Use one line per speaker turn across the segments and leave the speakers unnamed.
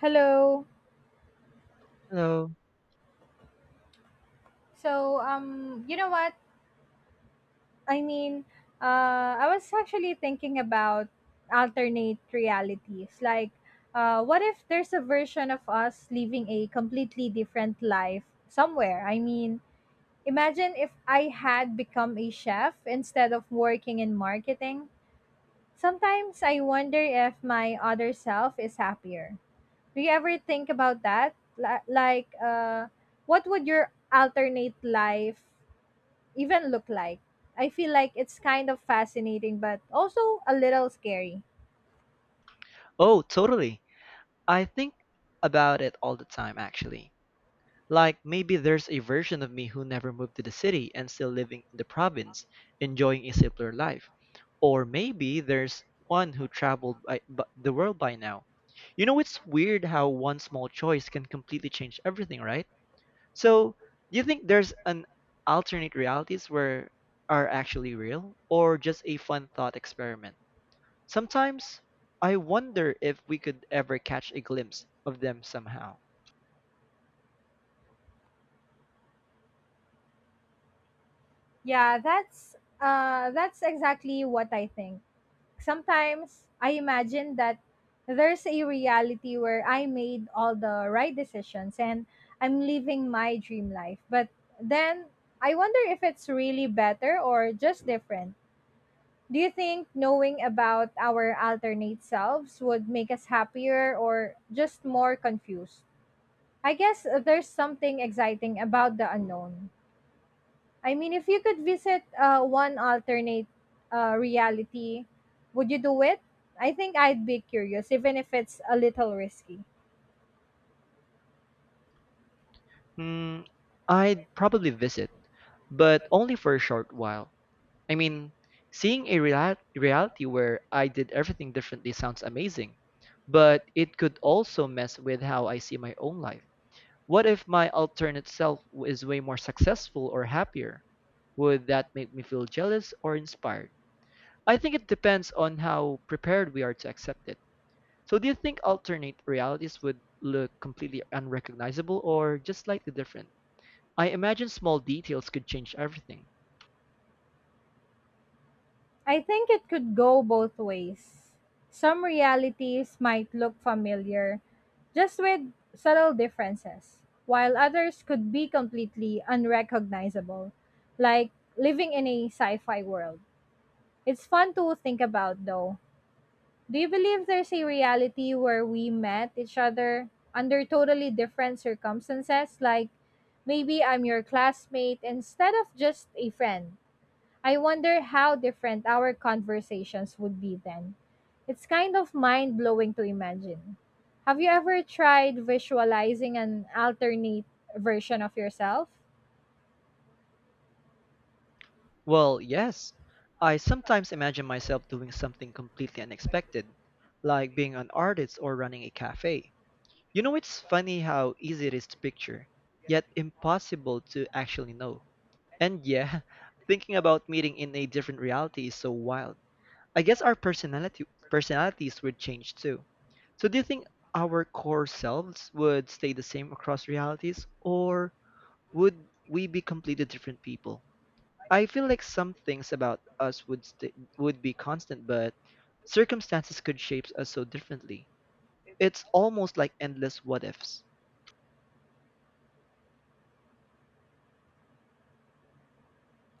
Hello.
Hello.
So, um, you know what? I mean, I was actually thinking about alternate realities. What if there's a version of us living a completely different life somewhere? Imagine if I had become a chef instead of working in marketing. Sometimes I wonder if my other self is happier. Do you ever think about that? Li- Like, uh, what would your alternate life even look like. I feel like it's kind of fascinating but also a little scary.
Oh, totally. I think about it all the time, actually. Like maybe there's a version of me who never moved to the city and still living in the province, enjoying a simpler life. Or maybe there's one who traveled the world by now. You know, it's weird how one small choice can completely change everything, right? So, do you think there's an alternate realities where are actually real or just a fun thought experiment? Sometimes I wonder if we could ever catch a glimpse of them somehow.
Yeah, that's exactly what I think. Sometimes I imagine that there's a reality where I made all the right decisions and I'm living my dream life. But then I wonder if it's really better or just different. Do you think knowing about our alternate selves would make us happier or just more confused? I guess there's something exciting about the unknown. I mean, if you could visit one alternate reality, would you do it? I think I'd be curious, even if it's a little risky.
Hmm, I'd probably visit, but only for a short while. I mean, seeing a reality where I did everything differently sounds amazing, but it could also mess with how I see my own life. What if my alternate self is way more successful or happier? Would that make me feel jealous or inspired? I think it depends on how prepared we are to accept it. So do you think alternate realities would look completely unrecognizable or just slightly different? I imagine small details could change everything.
I think it could go both ways. Some realities might look familiar, just with subtle differences, while others could be completely unrecognizable, like living in a sci fi world. It's fun to think about, though. Do you believe there's a reality where we met each other under totally different circumstances? Like maybe I'm your classmate instead of just a friend. I wonder how different our conversations would be then. It's kind of mind blowing to imagine. Have you ever tried visualizing an alternate version of yourself?
Well, yes. I sometimes imagine myself doing something completely unexpected, like being an artist or running a cafe. You know, it's funny how easy it is to picture, yet impossible to actually know. And yeah, thinking about meeting in a different reality is so wild. I guess our personality personalities would change too. So do you think our core selves would stay the same across realities or would we be completely different people? I feel like some things about us would be constant but circumstances could shape us so differently. It's almost like endless what ifs.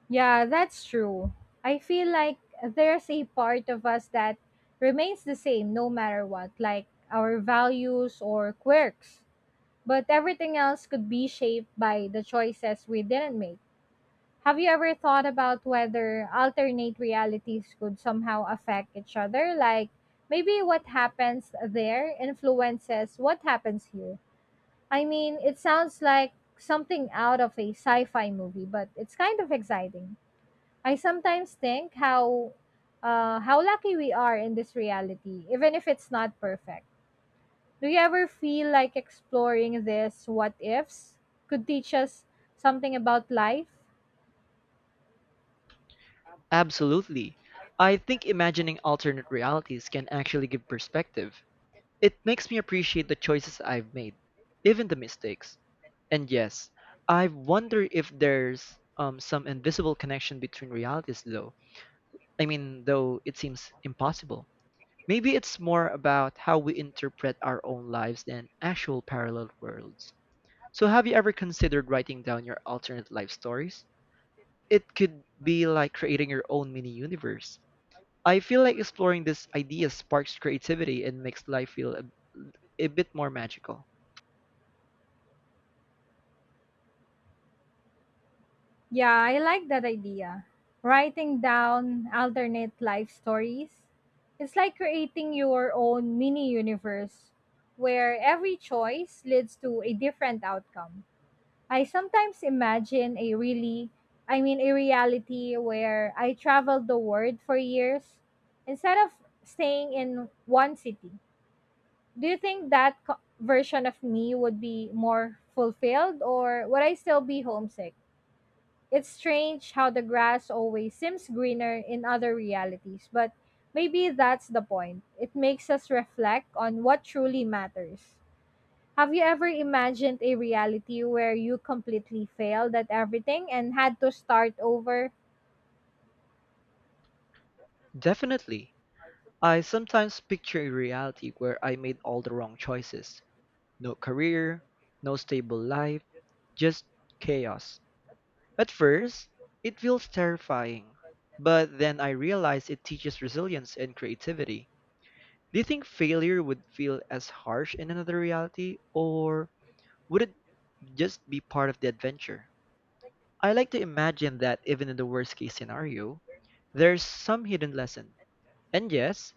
Yeah, that's true. I feel like there's a part of us that remains the same no matter what, like our values or quirks. But everything else could be shaped by the choices we didn't make. Have you ever thought about whether alternate realities could somehow affect each other? Like maybe what happens there influences what happens here. I mean, it sounds like something out of a sci fi movie, but it's kind of exciting. I sometimes think how lucky we are in this reality, even if it's not perfect. Do you ever feel like exploring this what ifs could teach us something about life?
Absolutely. I think imagining alternate realities can actually give perspective. It makes me appreciate the choices I've made, even the mistakes. And yes, I wonder if there's some invisible connection between realities, though. I mean, though it seems impossible. Maybe it's more about how we interpret our own lives than actual parallel worlds. So, have you ever considered writing down your alternate life stories? It could be like creating your own mini universe. I feel like exploring this idea sparks creativity and makes life feel a bit more magical.
Yeah, I like that idea. Writing down alternate life stories. It's like creating your own mini universe where every choice leads to a different outcome. I sometimes imagine a really, I mean, A reality where I traveled the world for years instead of staying in one city. Do you think that co- Version of me would be more fulfilled or would I still be homesick? It's strange how the grass always seems greener in other realities, but maybe that's the point. It makes us reflect on what truly matters. Have you ever imagined a reality where you completely failed at everything and had to start over?
Definitely. I sometimes picture a reality where I made all the wrong choices. No career, no stable life, just chaos. At first, it feels terrifying, but then I realize it teaches resilience and creativity. Do you think failure would feel as harsh in another reality, or would it just be part of the adventure? I like to imagine that even in the worst case scenario, there's some hidden lesson. And yes,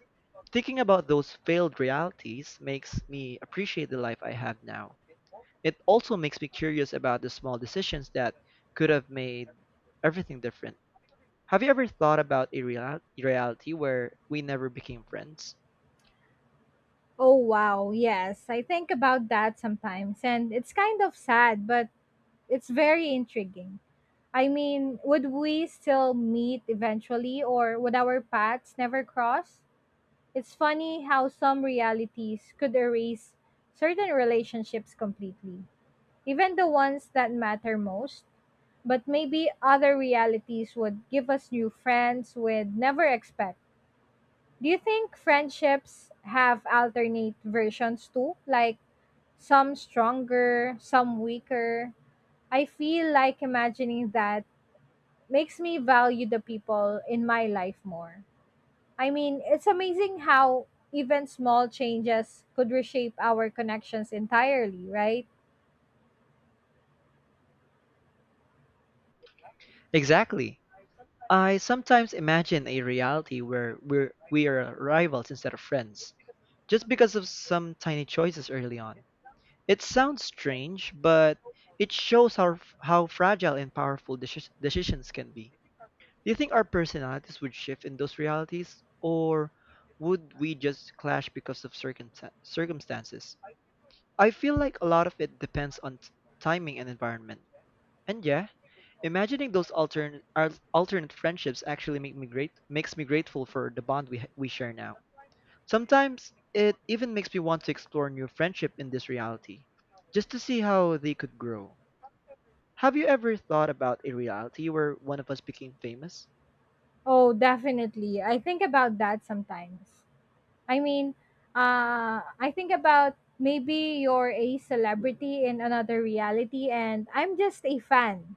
thinking about those failed realities makes me appreciate the life I have now. It also makes me curious about the small decisions that could have made everything different. Have you ever thought about a reality where we never became friends?
Oh, wow. Yes, I think about that sometimes, and it's kind of sad, but it's very intriguing. I mean, would we still meet eventually, or would our paths never cross? It's funny how some realities could erase certain relationships completely, even the ones that matter most. But maybe other realities would give us new friends we'd never expect. Do you think friendships have alternate versions too? Like some stronger, some weaker? I feel like imagining that makes me value the people in my life more. I mean, it's amazing how even small changes could reshape our connections entirely, right?
Exactly. I sometimes imagine a reality where we are rivals instead of friends, just because of some tiny choices early on. It sounds strange, but it shows how fragile and powerful decisions can be. Do you think our personalities would shift in those realities, or would we just clash because of circumstances? I feel like a lot of it depends on timing and environment. And yeah, imagining those alternate friendships actually make me great makes me grateful for the bond we we share now. Sometimes it even makes me want to explore new friendship in this reality, just to see how they could grow. Have you ever thought about a reality where one of us became famous?
Oh, definitely. I think about that sometimes. I mean, I think about maybe you're a celebrity in another reality and I'm just a fan.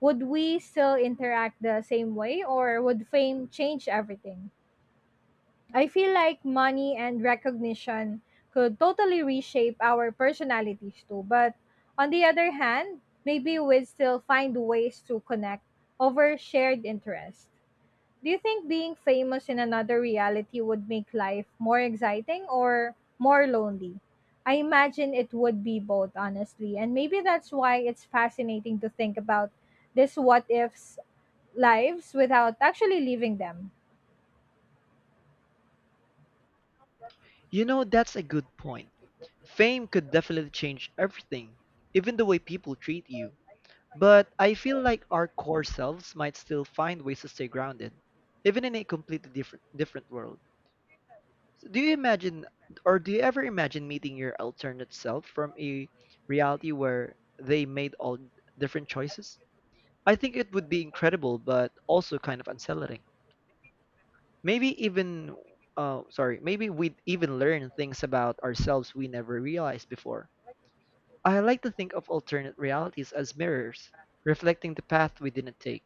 Would we still interact the same way or would fame change everything? I feel like money and recognition could totally reshape our personalities too. But on the other hand, maybe we'd still find ways to connect over shared interests. Do you think being famous in another reality would make life more exciting or more lonely? I imagine it would be both, honestly. And maybe that's why it's fascinating to think about this what ifs lives without actually living them.
You know, that's a good point. Fame could definitely change everything, even the way people treat you. But I feel like our core selves might still find ways to stay grounded, even in a completely different world. So do you ever imagine meeting your alternate self from a reality where they made all different choices? I think it would be incredible but also kind of unsettling. Maybe even maybe we'd even learn things about ourselves we never realized before. I like to think of alternate realities as mirrors, reflecting the path we didn't take.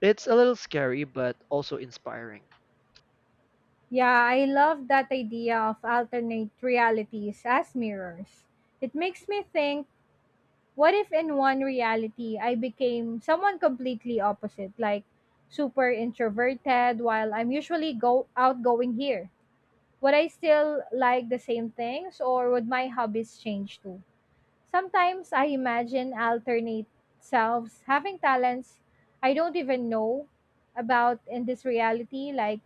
It's a little scary, but also inspiring.
Yeah, I love that idea of alternate realities as mirrors. It makes me think. What if in one reality I became someone completely opposite, like super introverted while I'm usually go outgoing here? Would I still like the same things or would my hobbies change too? Sometimes I imagine alternate selves having talents I don't even know about in this reality, like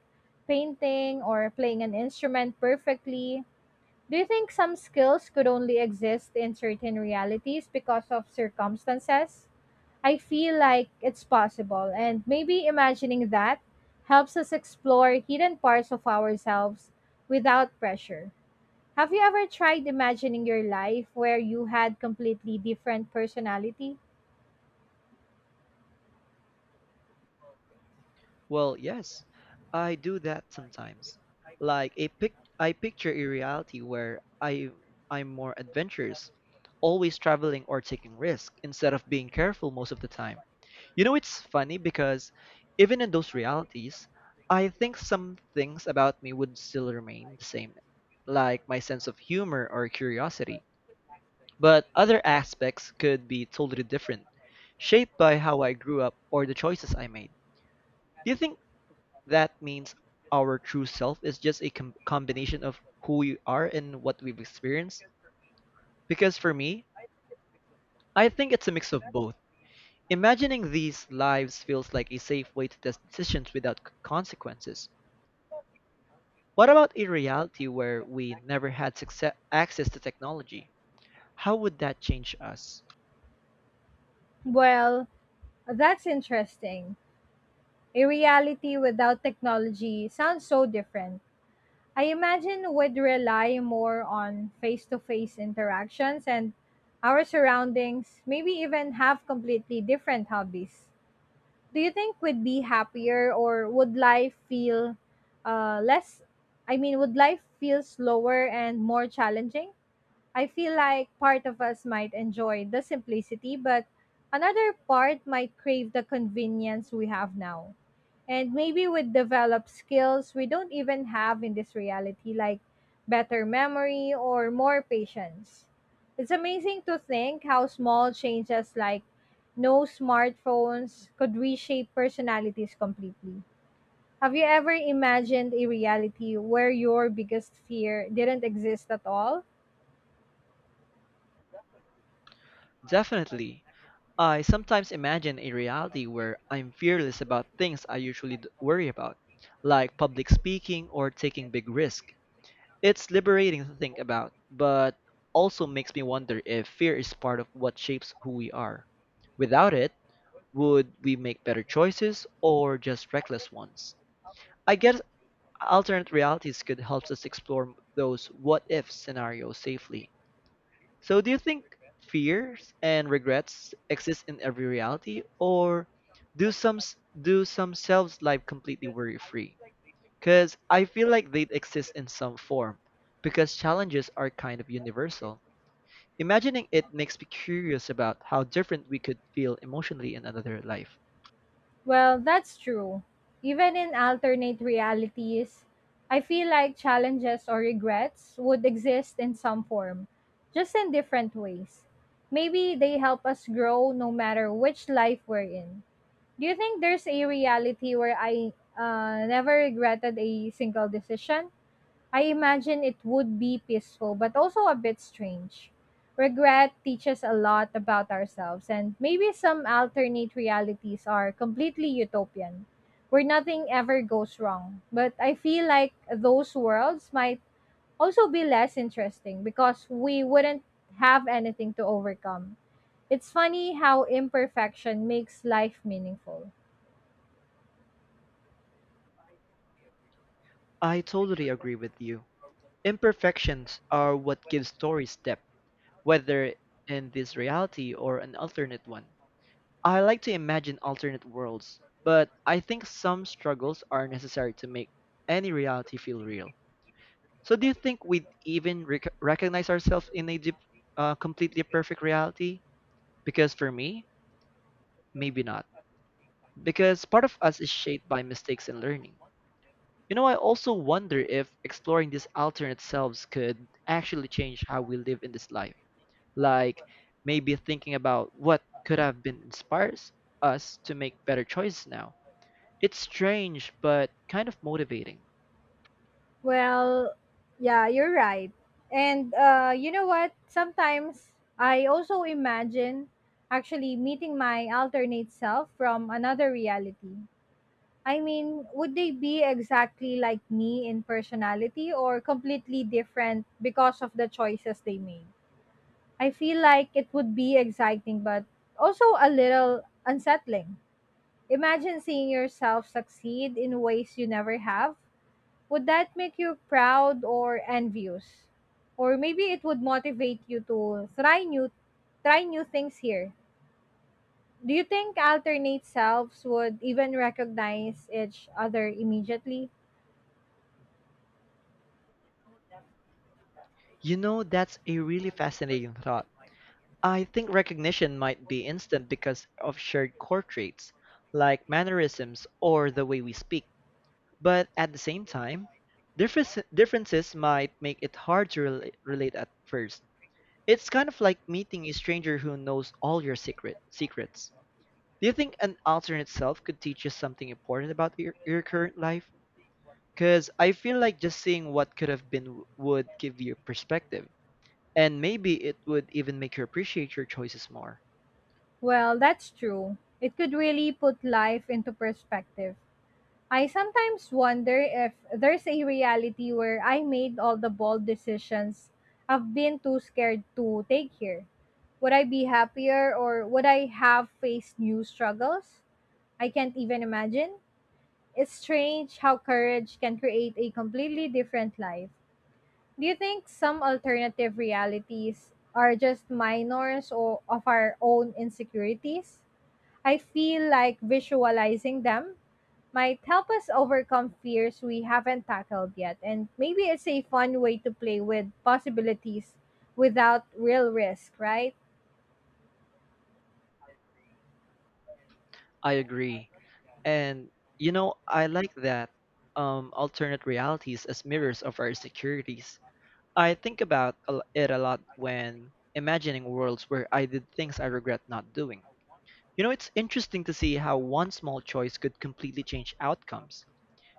painting or playing an instrument perfectly. Do you think some skills could only exist in certain realities because of circumstances? I feel like it's possible, and maybe imagining that helps us explore hidden parts of ourselves without pressure. Have you ever tried imagining your life where you had completely different personality?
Well, yes, I do that sometimes. Like a pic I picture a reality where I'm more adventurous, always traveling or taking risks instead of being careful most of the time. You know, it's funny because even in those realities, I think some things about me would still remain the same, like my sense of humor or curiosity. But other aspects could be totally different, shaped by how I grew up or the choices I made. Do you think that means our true self is just a combination of who we are and what we've experienced? Because for me, I think it's a mix of both. Imagining these lives feels like a safe way to test decisions without consequences. What about a reality where we never had access to technology? How would that change us?
Well, that's interesting. A reality without technology sounds so different. I imagine would rely more on face to face interactions and our surroundings, maybe even have completely different hobbies. Do you think we'd be happier or would life feel less? I mean, would life feel slower and more challenging? I feel like part of us might enjoy the simplicity, but another part might crave the convenience we have now. And maybe we develop skills we don't even have in this reality, like better memory or more patience. It's amazing to think how small changes like no smartphones could reshape personalities completely. Have you ever imagined a reality where your biggest fear didn't exist at all?
Definitely, I sometimes imagine a reality where I'm fearless about things I usually worry about, like public speaking or taking big risks. It's liberating to think about, but also makes me wonder if fear is part of what shapes who we are. Without it, would we make better choices or just reckless ones? I guess alternate realities could help us explore those what if scenarios safely. So, do you think fears and regrets exist in every reality, or do some selves live completely worry free? Because I feel like they exist in some form, because challenges are kind of universal. Imagining it makes me curious about how different we could feel emotionally in another life.
Well, that's true. Even in alternate realities, I feel like challenges or regrets would exist in some form, just in different ways. Maybe they help us grow no matter which life we're in. Do you think there's a reality where I never regretted a single decision? I imagine it would be peaceful, but also a bit strange. Regret teaches a lot about ourselves, and maybe some alternate realities are completely utopian, where nothing ever goes wrong. But I feel like those worlds might also be less interesting because we wouldn't have anything to overcome. It's funny how imperfection makes life meaningful.
I totally agree with you. Imperfections are what give stories depth, whether in this reality or an alternate one. I like to imagine alternate worlds, but I think some struggles are necessary to make any reality feel real. So, do you think we'd even recognize ourselves in a completely perfect reality? Because for me, maybe not. Because part of us is shaped by mistakes and learning. You know, I also wonder if exploring these alternate selves could actually change how we live in this life. Like, maybe thinking about what could have been inspires us to make better choices now. It's strange, but kind of motivating.
Well, yeah, you're right. And you know what? Sometimes I also imagine actually meeting my alternate self from another reality. I mean, would they be exactly like me in personality or completely different because of the choices they made? I feel like it would be exciting, but also a little unsettling. Imagine seeing yourself succeed in ways you never have, would that make you proud or envious? Or maybe it would motivate you to try new things here. Do you think alternate selves would even recognize each other immediately?
You know, that's a really fascinating thought. I think recognition might be instant because of shared core traits, like mannerisms or the way we speak. But at the same time, differences might make it hard to relate at first. It's kind of like meeting a stranger who knows all your secrets. Do you think an alternate self could teach you something important about your current life? Because I feel like just seeing what could have been would give you perspective. And maybe it would even make you appreciate your choices more.
Well, that's true. It could really put life into perspective. I sometimes wonder if there's a reality where I made all the bold decisions I've been too scared to take here. Would I be happier or would I have faced new struggles? I can't even imagine. It's strange how courage can create a completely different life. Do you think some alternative realities are just minors or of our own insecurities? I feel like visualizing them might help us overcome fears we haven't tackled yet. And maybe it's a fun way to play with possibilities without real risk, right?
I agree. And you know, I like that alternate realities as mirrors of our insecurities. I think about it a lot when imagining worlds where I did things I regret not doing. You know, it's interesting to see how one small choice could completely change outcomes.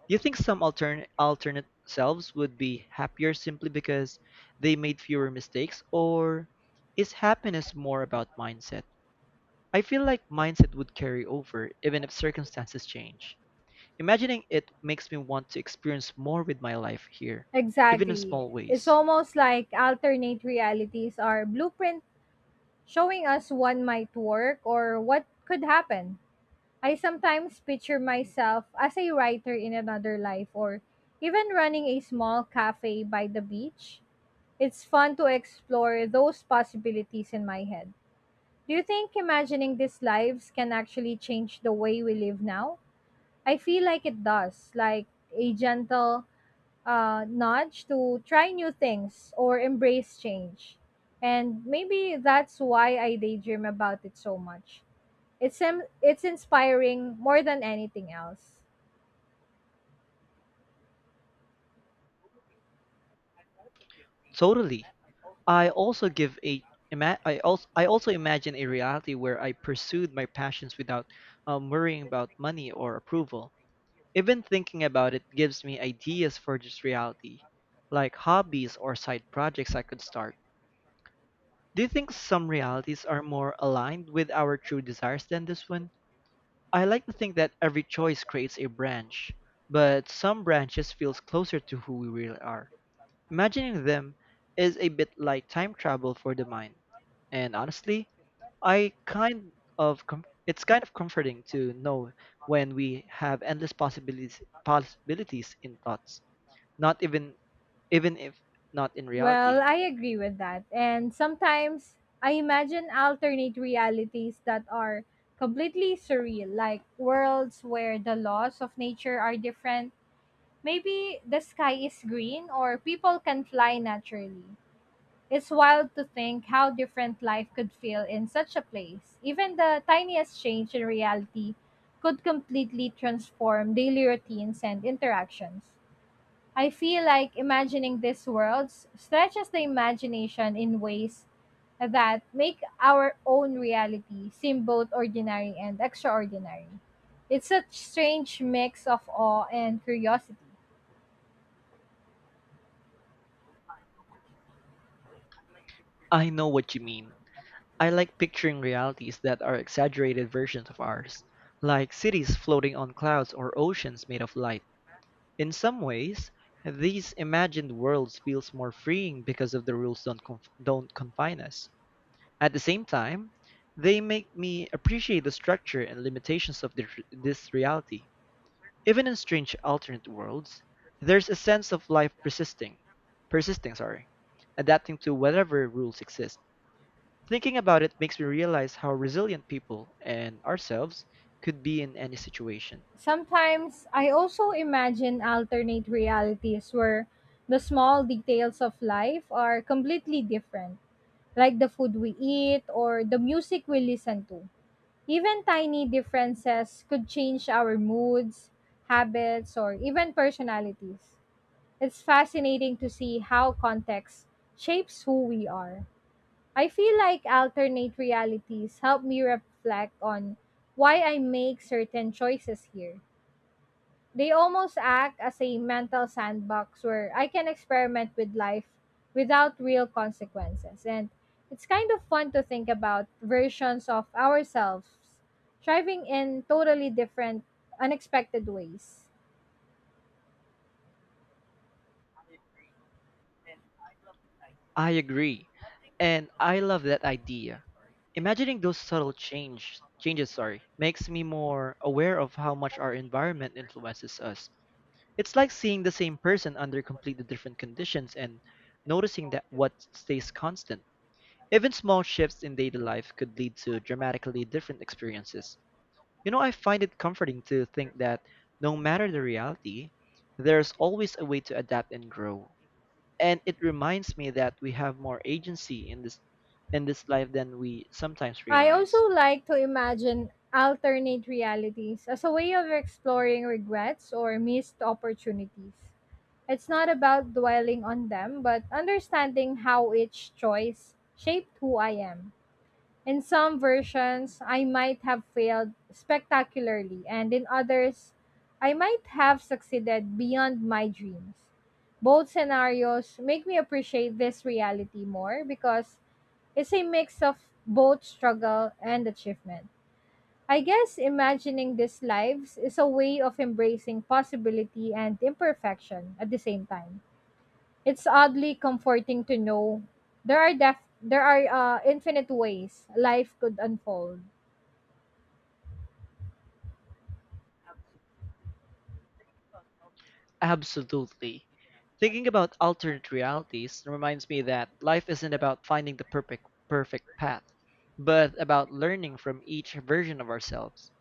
Do you think some alternate selves would be happier simply because they made fewer mistakes, or is happiness more about mindset? I feel like mindset would carry over even if circumstances change. Imagining it makes me want to experience more with my life here, even in
Exactly.
small
It's
ways.
almost like alternate realities are blueprint showing us what might work or what could happen. I sometimes picture myself as a writer in another life or even running a small cafe by the beach. It's fun to explore those possibilities in my head. Do you think imagining these lives can actually change the way we live now? I feel like it does, like a gentle nudge to try new things or embrace change. And maybe that's why I daydream about it so much. It's inspiring more than anything else.
Totally. I also imagine a reality where I pursued my passions without worrying about money or approval. Even thinking about it gives me ideas for this reality, like hobbies or side projects I could start. Do you think some realities are more aligned with our true desires than this one? I like to think that every choice creates a branch, but some branches feels closer to who we really are. Imagining them is a bit like time travel for the mind. And honestly, I kind of com- it's kind of comforting to know when we have endless possibilities in thoughts. Not even Even if not in
Well,
reality.
I agree with that. And sometimes I imagine alternate realities that are completely surreal, like worlds where the laws of nature are different. Maybe the sky is green or people can fly naturally. It's wild to think how different life could feel in such a place. Even the tiniest change in reality could completely transform daily routines and interactions. I feel like imagining these worlds stretches the imagination in ways that make our own reality seem both ordinary and extraordinary. It's a strange mix of awe and curiosity.
I know what you mean. I like picturing realities that are exaggerated versions of ours, like cities floating on clouds or oceans made of light. In some ways, these imagined worlds feels more freeing because of the rules don't confine us. At the same time, they make me appreciate the structure and limitations of this reality. Even in strange alternate worlds, there's a sense of life persisting, sorry, adapting to whatever rules exist. Thinking about it makes me realize how resilient people and ourselves could be in any situation.
Sometimes I also imagine alternate realities where the small details of life are completely different, like the food we eat or the music we listen to. Even tiny differences could change our moods, habits, or even personalities. It's fascinating to see how context shapes who we are. I feel like alternate realities help me reflect on why I make certain choices here. They almost act as a mental sandbox where I can experiment with life without real consequences. And it's kind of fun to think about versions of ourselves thriving in totally different, unexpected ways.
I agree, and I love that idea. Imagining those subtle makes me more aware of how much our environment influences us. It's like seeing the same person under completely different conditions and noticing that what stays constant. Even small shifts in daily life could lead to dramatically different experiences. You know, I find it comforting to think that no matter the reality, there's always a way to adapt and grow. And it reminds me that we have more agency in this life than we sometimes
I
realize.
also like to imagine alternate realities as a way of exploring regrets or missed opportunities. It's not about dwelling on them, but understanding how each choice shaped who I am. In some versions, I might have failed spectacularly, and in others, I might have succeeded beyond my dreams. Both scenarios make me appreciate this reality more because it's a mix of both struggle and achievement. I guess imagining these lives is a way of embracing possibility and imperfection at the same time. It's oddly comforting to know there are infinite ways life could unfold.
Absolutely. Thinking about alternate realities reminds me that life isn't about finding the perfect path, but about learning from each version of ourselves.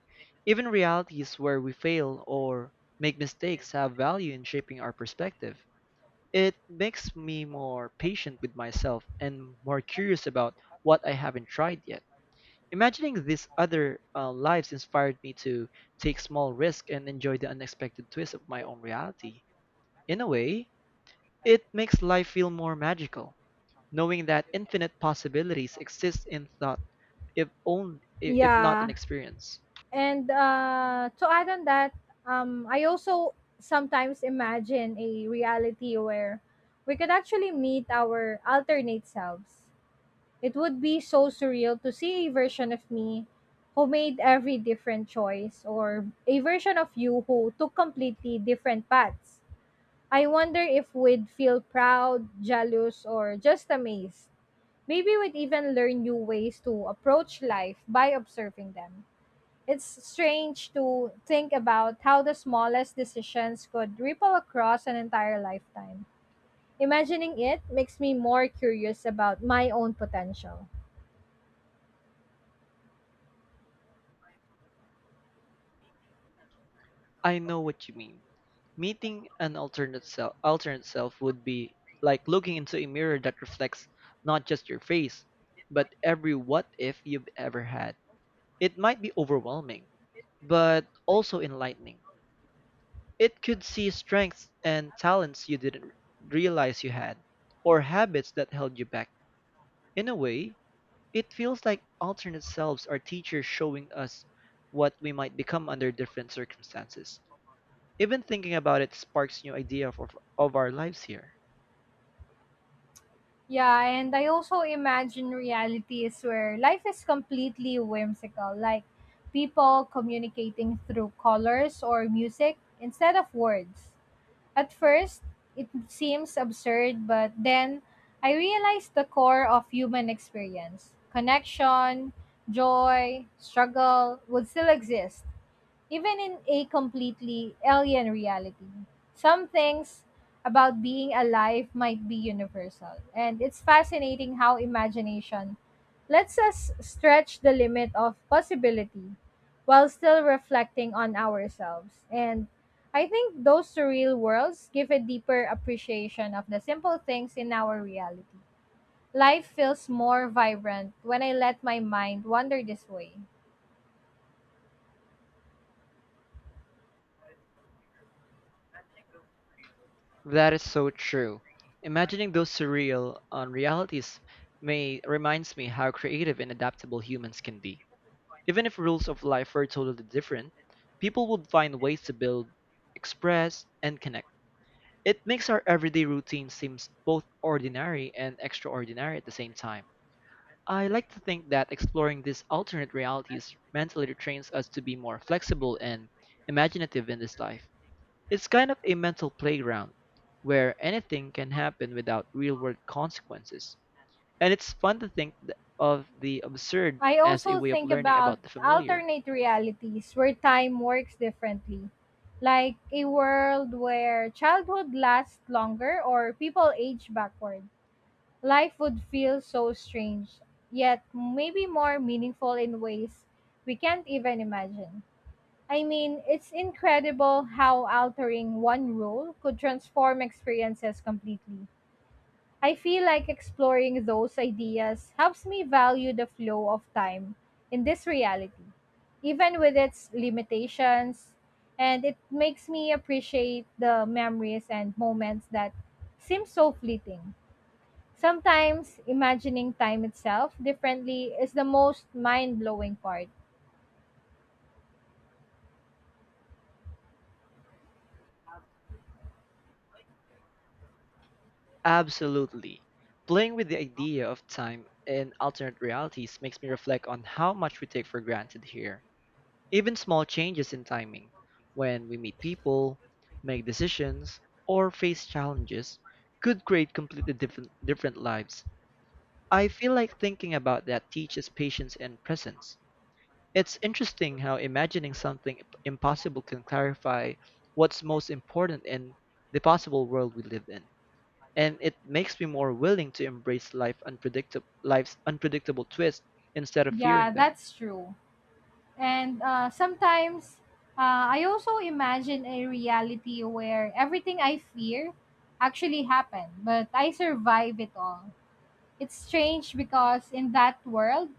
Even realities where we fail or make mistakes have value in shaping our perspective. It makes me more patient with myself and more curious about what I haven't tried yet. Imagining these other lives inspired me to take small risks and enjoy the unexpected twist of my own reality. In a way, it makes life feel more magical, knowing that infinite possibilities exist in thought, if only if not in
Yeah,
experience.
and to add on that, I also sometimes imagine a reality where we could actually meet our alternate selves. It would be so surreal to see a version of me who made every different choice or a version of you who took completely different paths. I wonder if we'd feel proud, jealous, or just amazed. Maybe we'd even learn new ways to approach life by observing them. It's strange to think about how the smallest decisions could ripple across an entire lifetime. Imagining it makes me more curious about my own potential.
I know what you mean. Meeting an alternate self would be like looking into a mirror that reflects not just your face, but every what if you've ever had. It might be overwhelming, but also enlightening. It could see strengths and talents you didn't realize you had, or habits that held you back. In a way, it feels like alternate selves are teachers showing us what we might become under different circumstances. Even thinking about it sparks new idea of our lives here.
Yeah, and I also imagine realities where life is completely whimsical, like people communicating through colors or music instead of words. At first, it seems absurd, but then I realized the core of human experience connection, joy, struggle would still exist, even in a completely alien reality. Some things about being alive might be universal, and it's fascinating how imagination lets us stretch the limit of possibility while still reflecting on ourselves. And I think those surreal worlds give a deeper appreciation of the simple things in our reality. Life feels more vibrant when I let my mind wander this way.
That is so true. Imagining those surreal unrealities may reminds me how creative and adaptable humans can be. Even if rules of life were totally different, people would find ways to build, express, and connect. It makes our everyday routine seems both ordinary and extraordinary at the same time. I like to think that exploring these alternate realities mentally trains us to be more flexible and imaginative in this life. It's kind of a mental playground where anything can happen without real world consequences. And it's fun to think of the absurd
I
as a
also
way of
think
learning
about
about the familiar.
alternate realities where time works differently, like a world where childhood lasts longer or people age backward. Life would feel so strange, yet maybe more meaningful in ways we can't even imagine. I mean, it's incredible how altering one rule could transform experiences completely. I feel like exploring those ideas helps me value the flow of time in this reality, even with its limitations, and it makes me appreciate the memories and moments that seem so fleeting. Sometimes imagining time itself differently is the most mind blowing part.
Absolutely. Playing with the idea of time and alternate realities makes me reflect on how much we take for granted here. Even small changes in timing, when we meet people, make decisions, or face challenges, could create completely different lives. I feel like thinking about that teaches patience and presence. It's interesting how imagining something impossible can clarify what's most important in the possible world we live in, and it makes me more willing to embrace life's unpredictable twists instead of
Yeah,
fearing them.
that's true. And sometimes I also imagine a reality where everything I fear actually happened, but I survive it all. It's strange because in that world,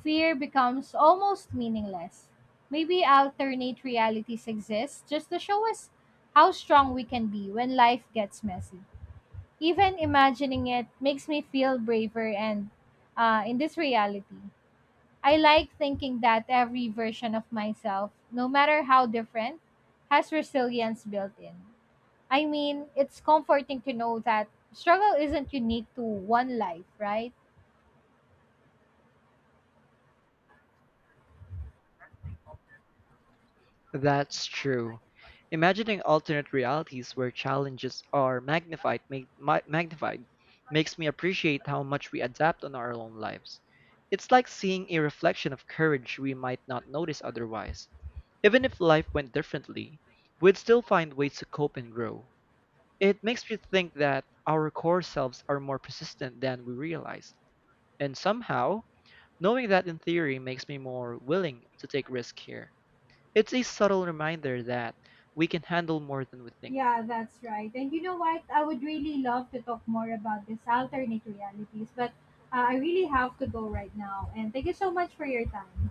fear becomes almost meaningless. Maybe alternate realities exist just to show us how strong we can be when life gets messy. Even imagining it makes me feel braver and in this reality. I like thinking that every version of myself, no matter how different, has resilience built in. I mean, it's comforting to know that struggle isn't unique to one life, right?
That's true. Imagining alternate realities where challenges are magnified makes me appreciate how much we adapt on our own lives. It's like seeing a reflection of courage we might not notice otherwise. Even if life went differently, we'd still find ways to cope and grow. It makes me think that our core selves are more persistent than we realize. And somehow, knowing that in theory makes me more willing to take risk here. It's a subtle reminder that we can handle more than we think.
Yeah, that's right. And you know what? I would really love to talk more about these alternate realities, but I really have to go right now. And thank you so much for your time.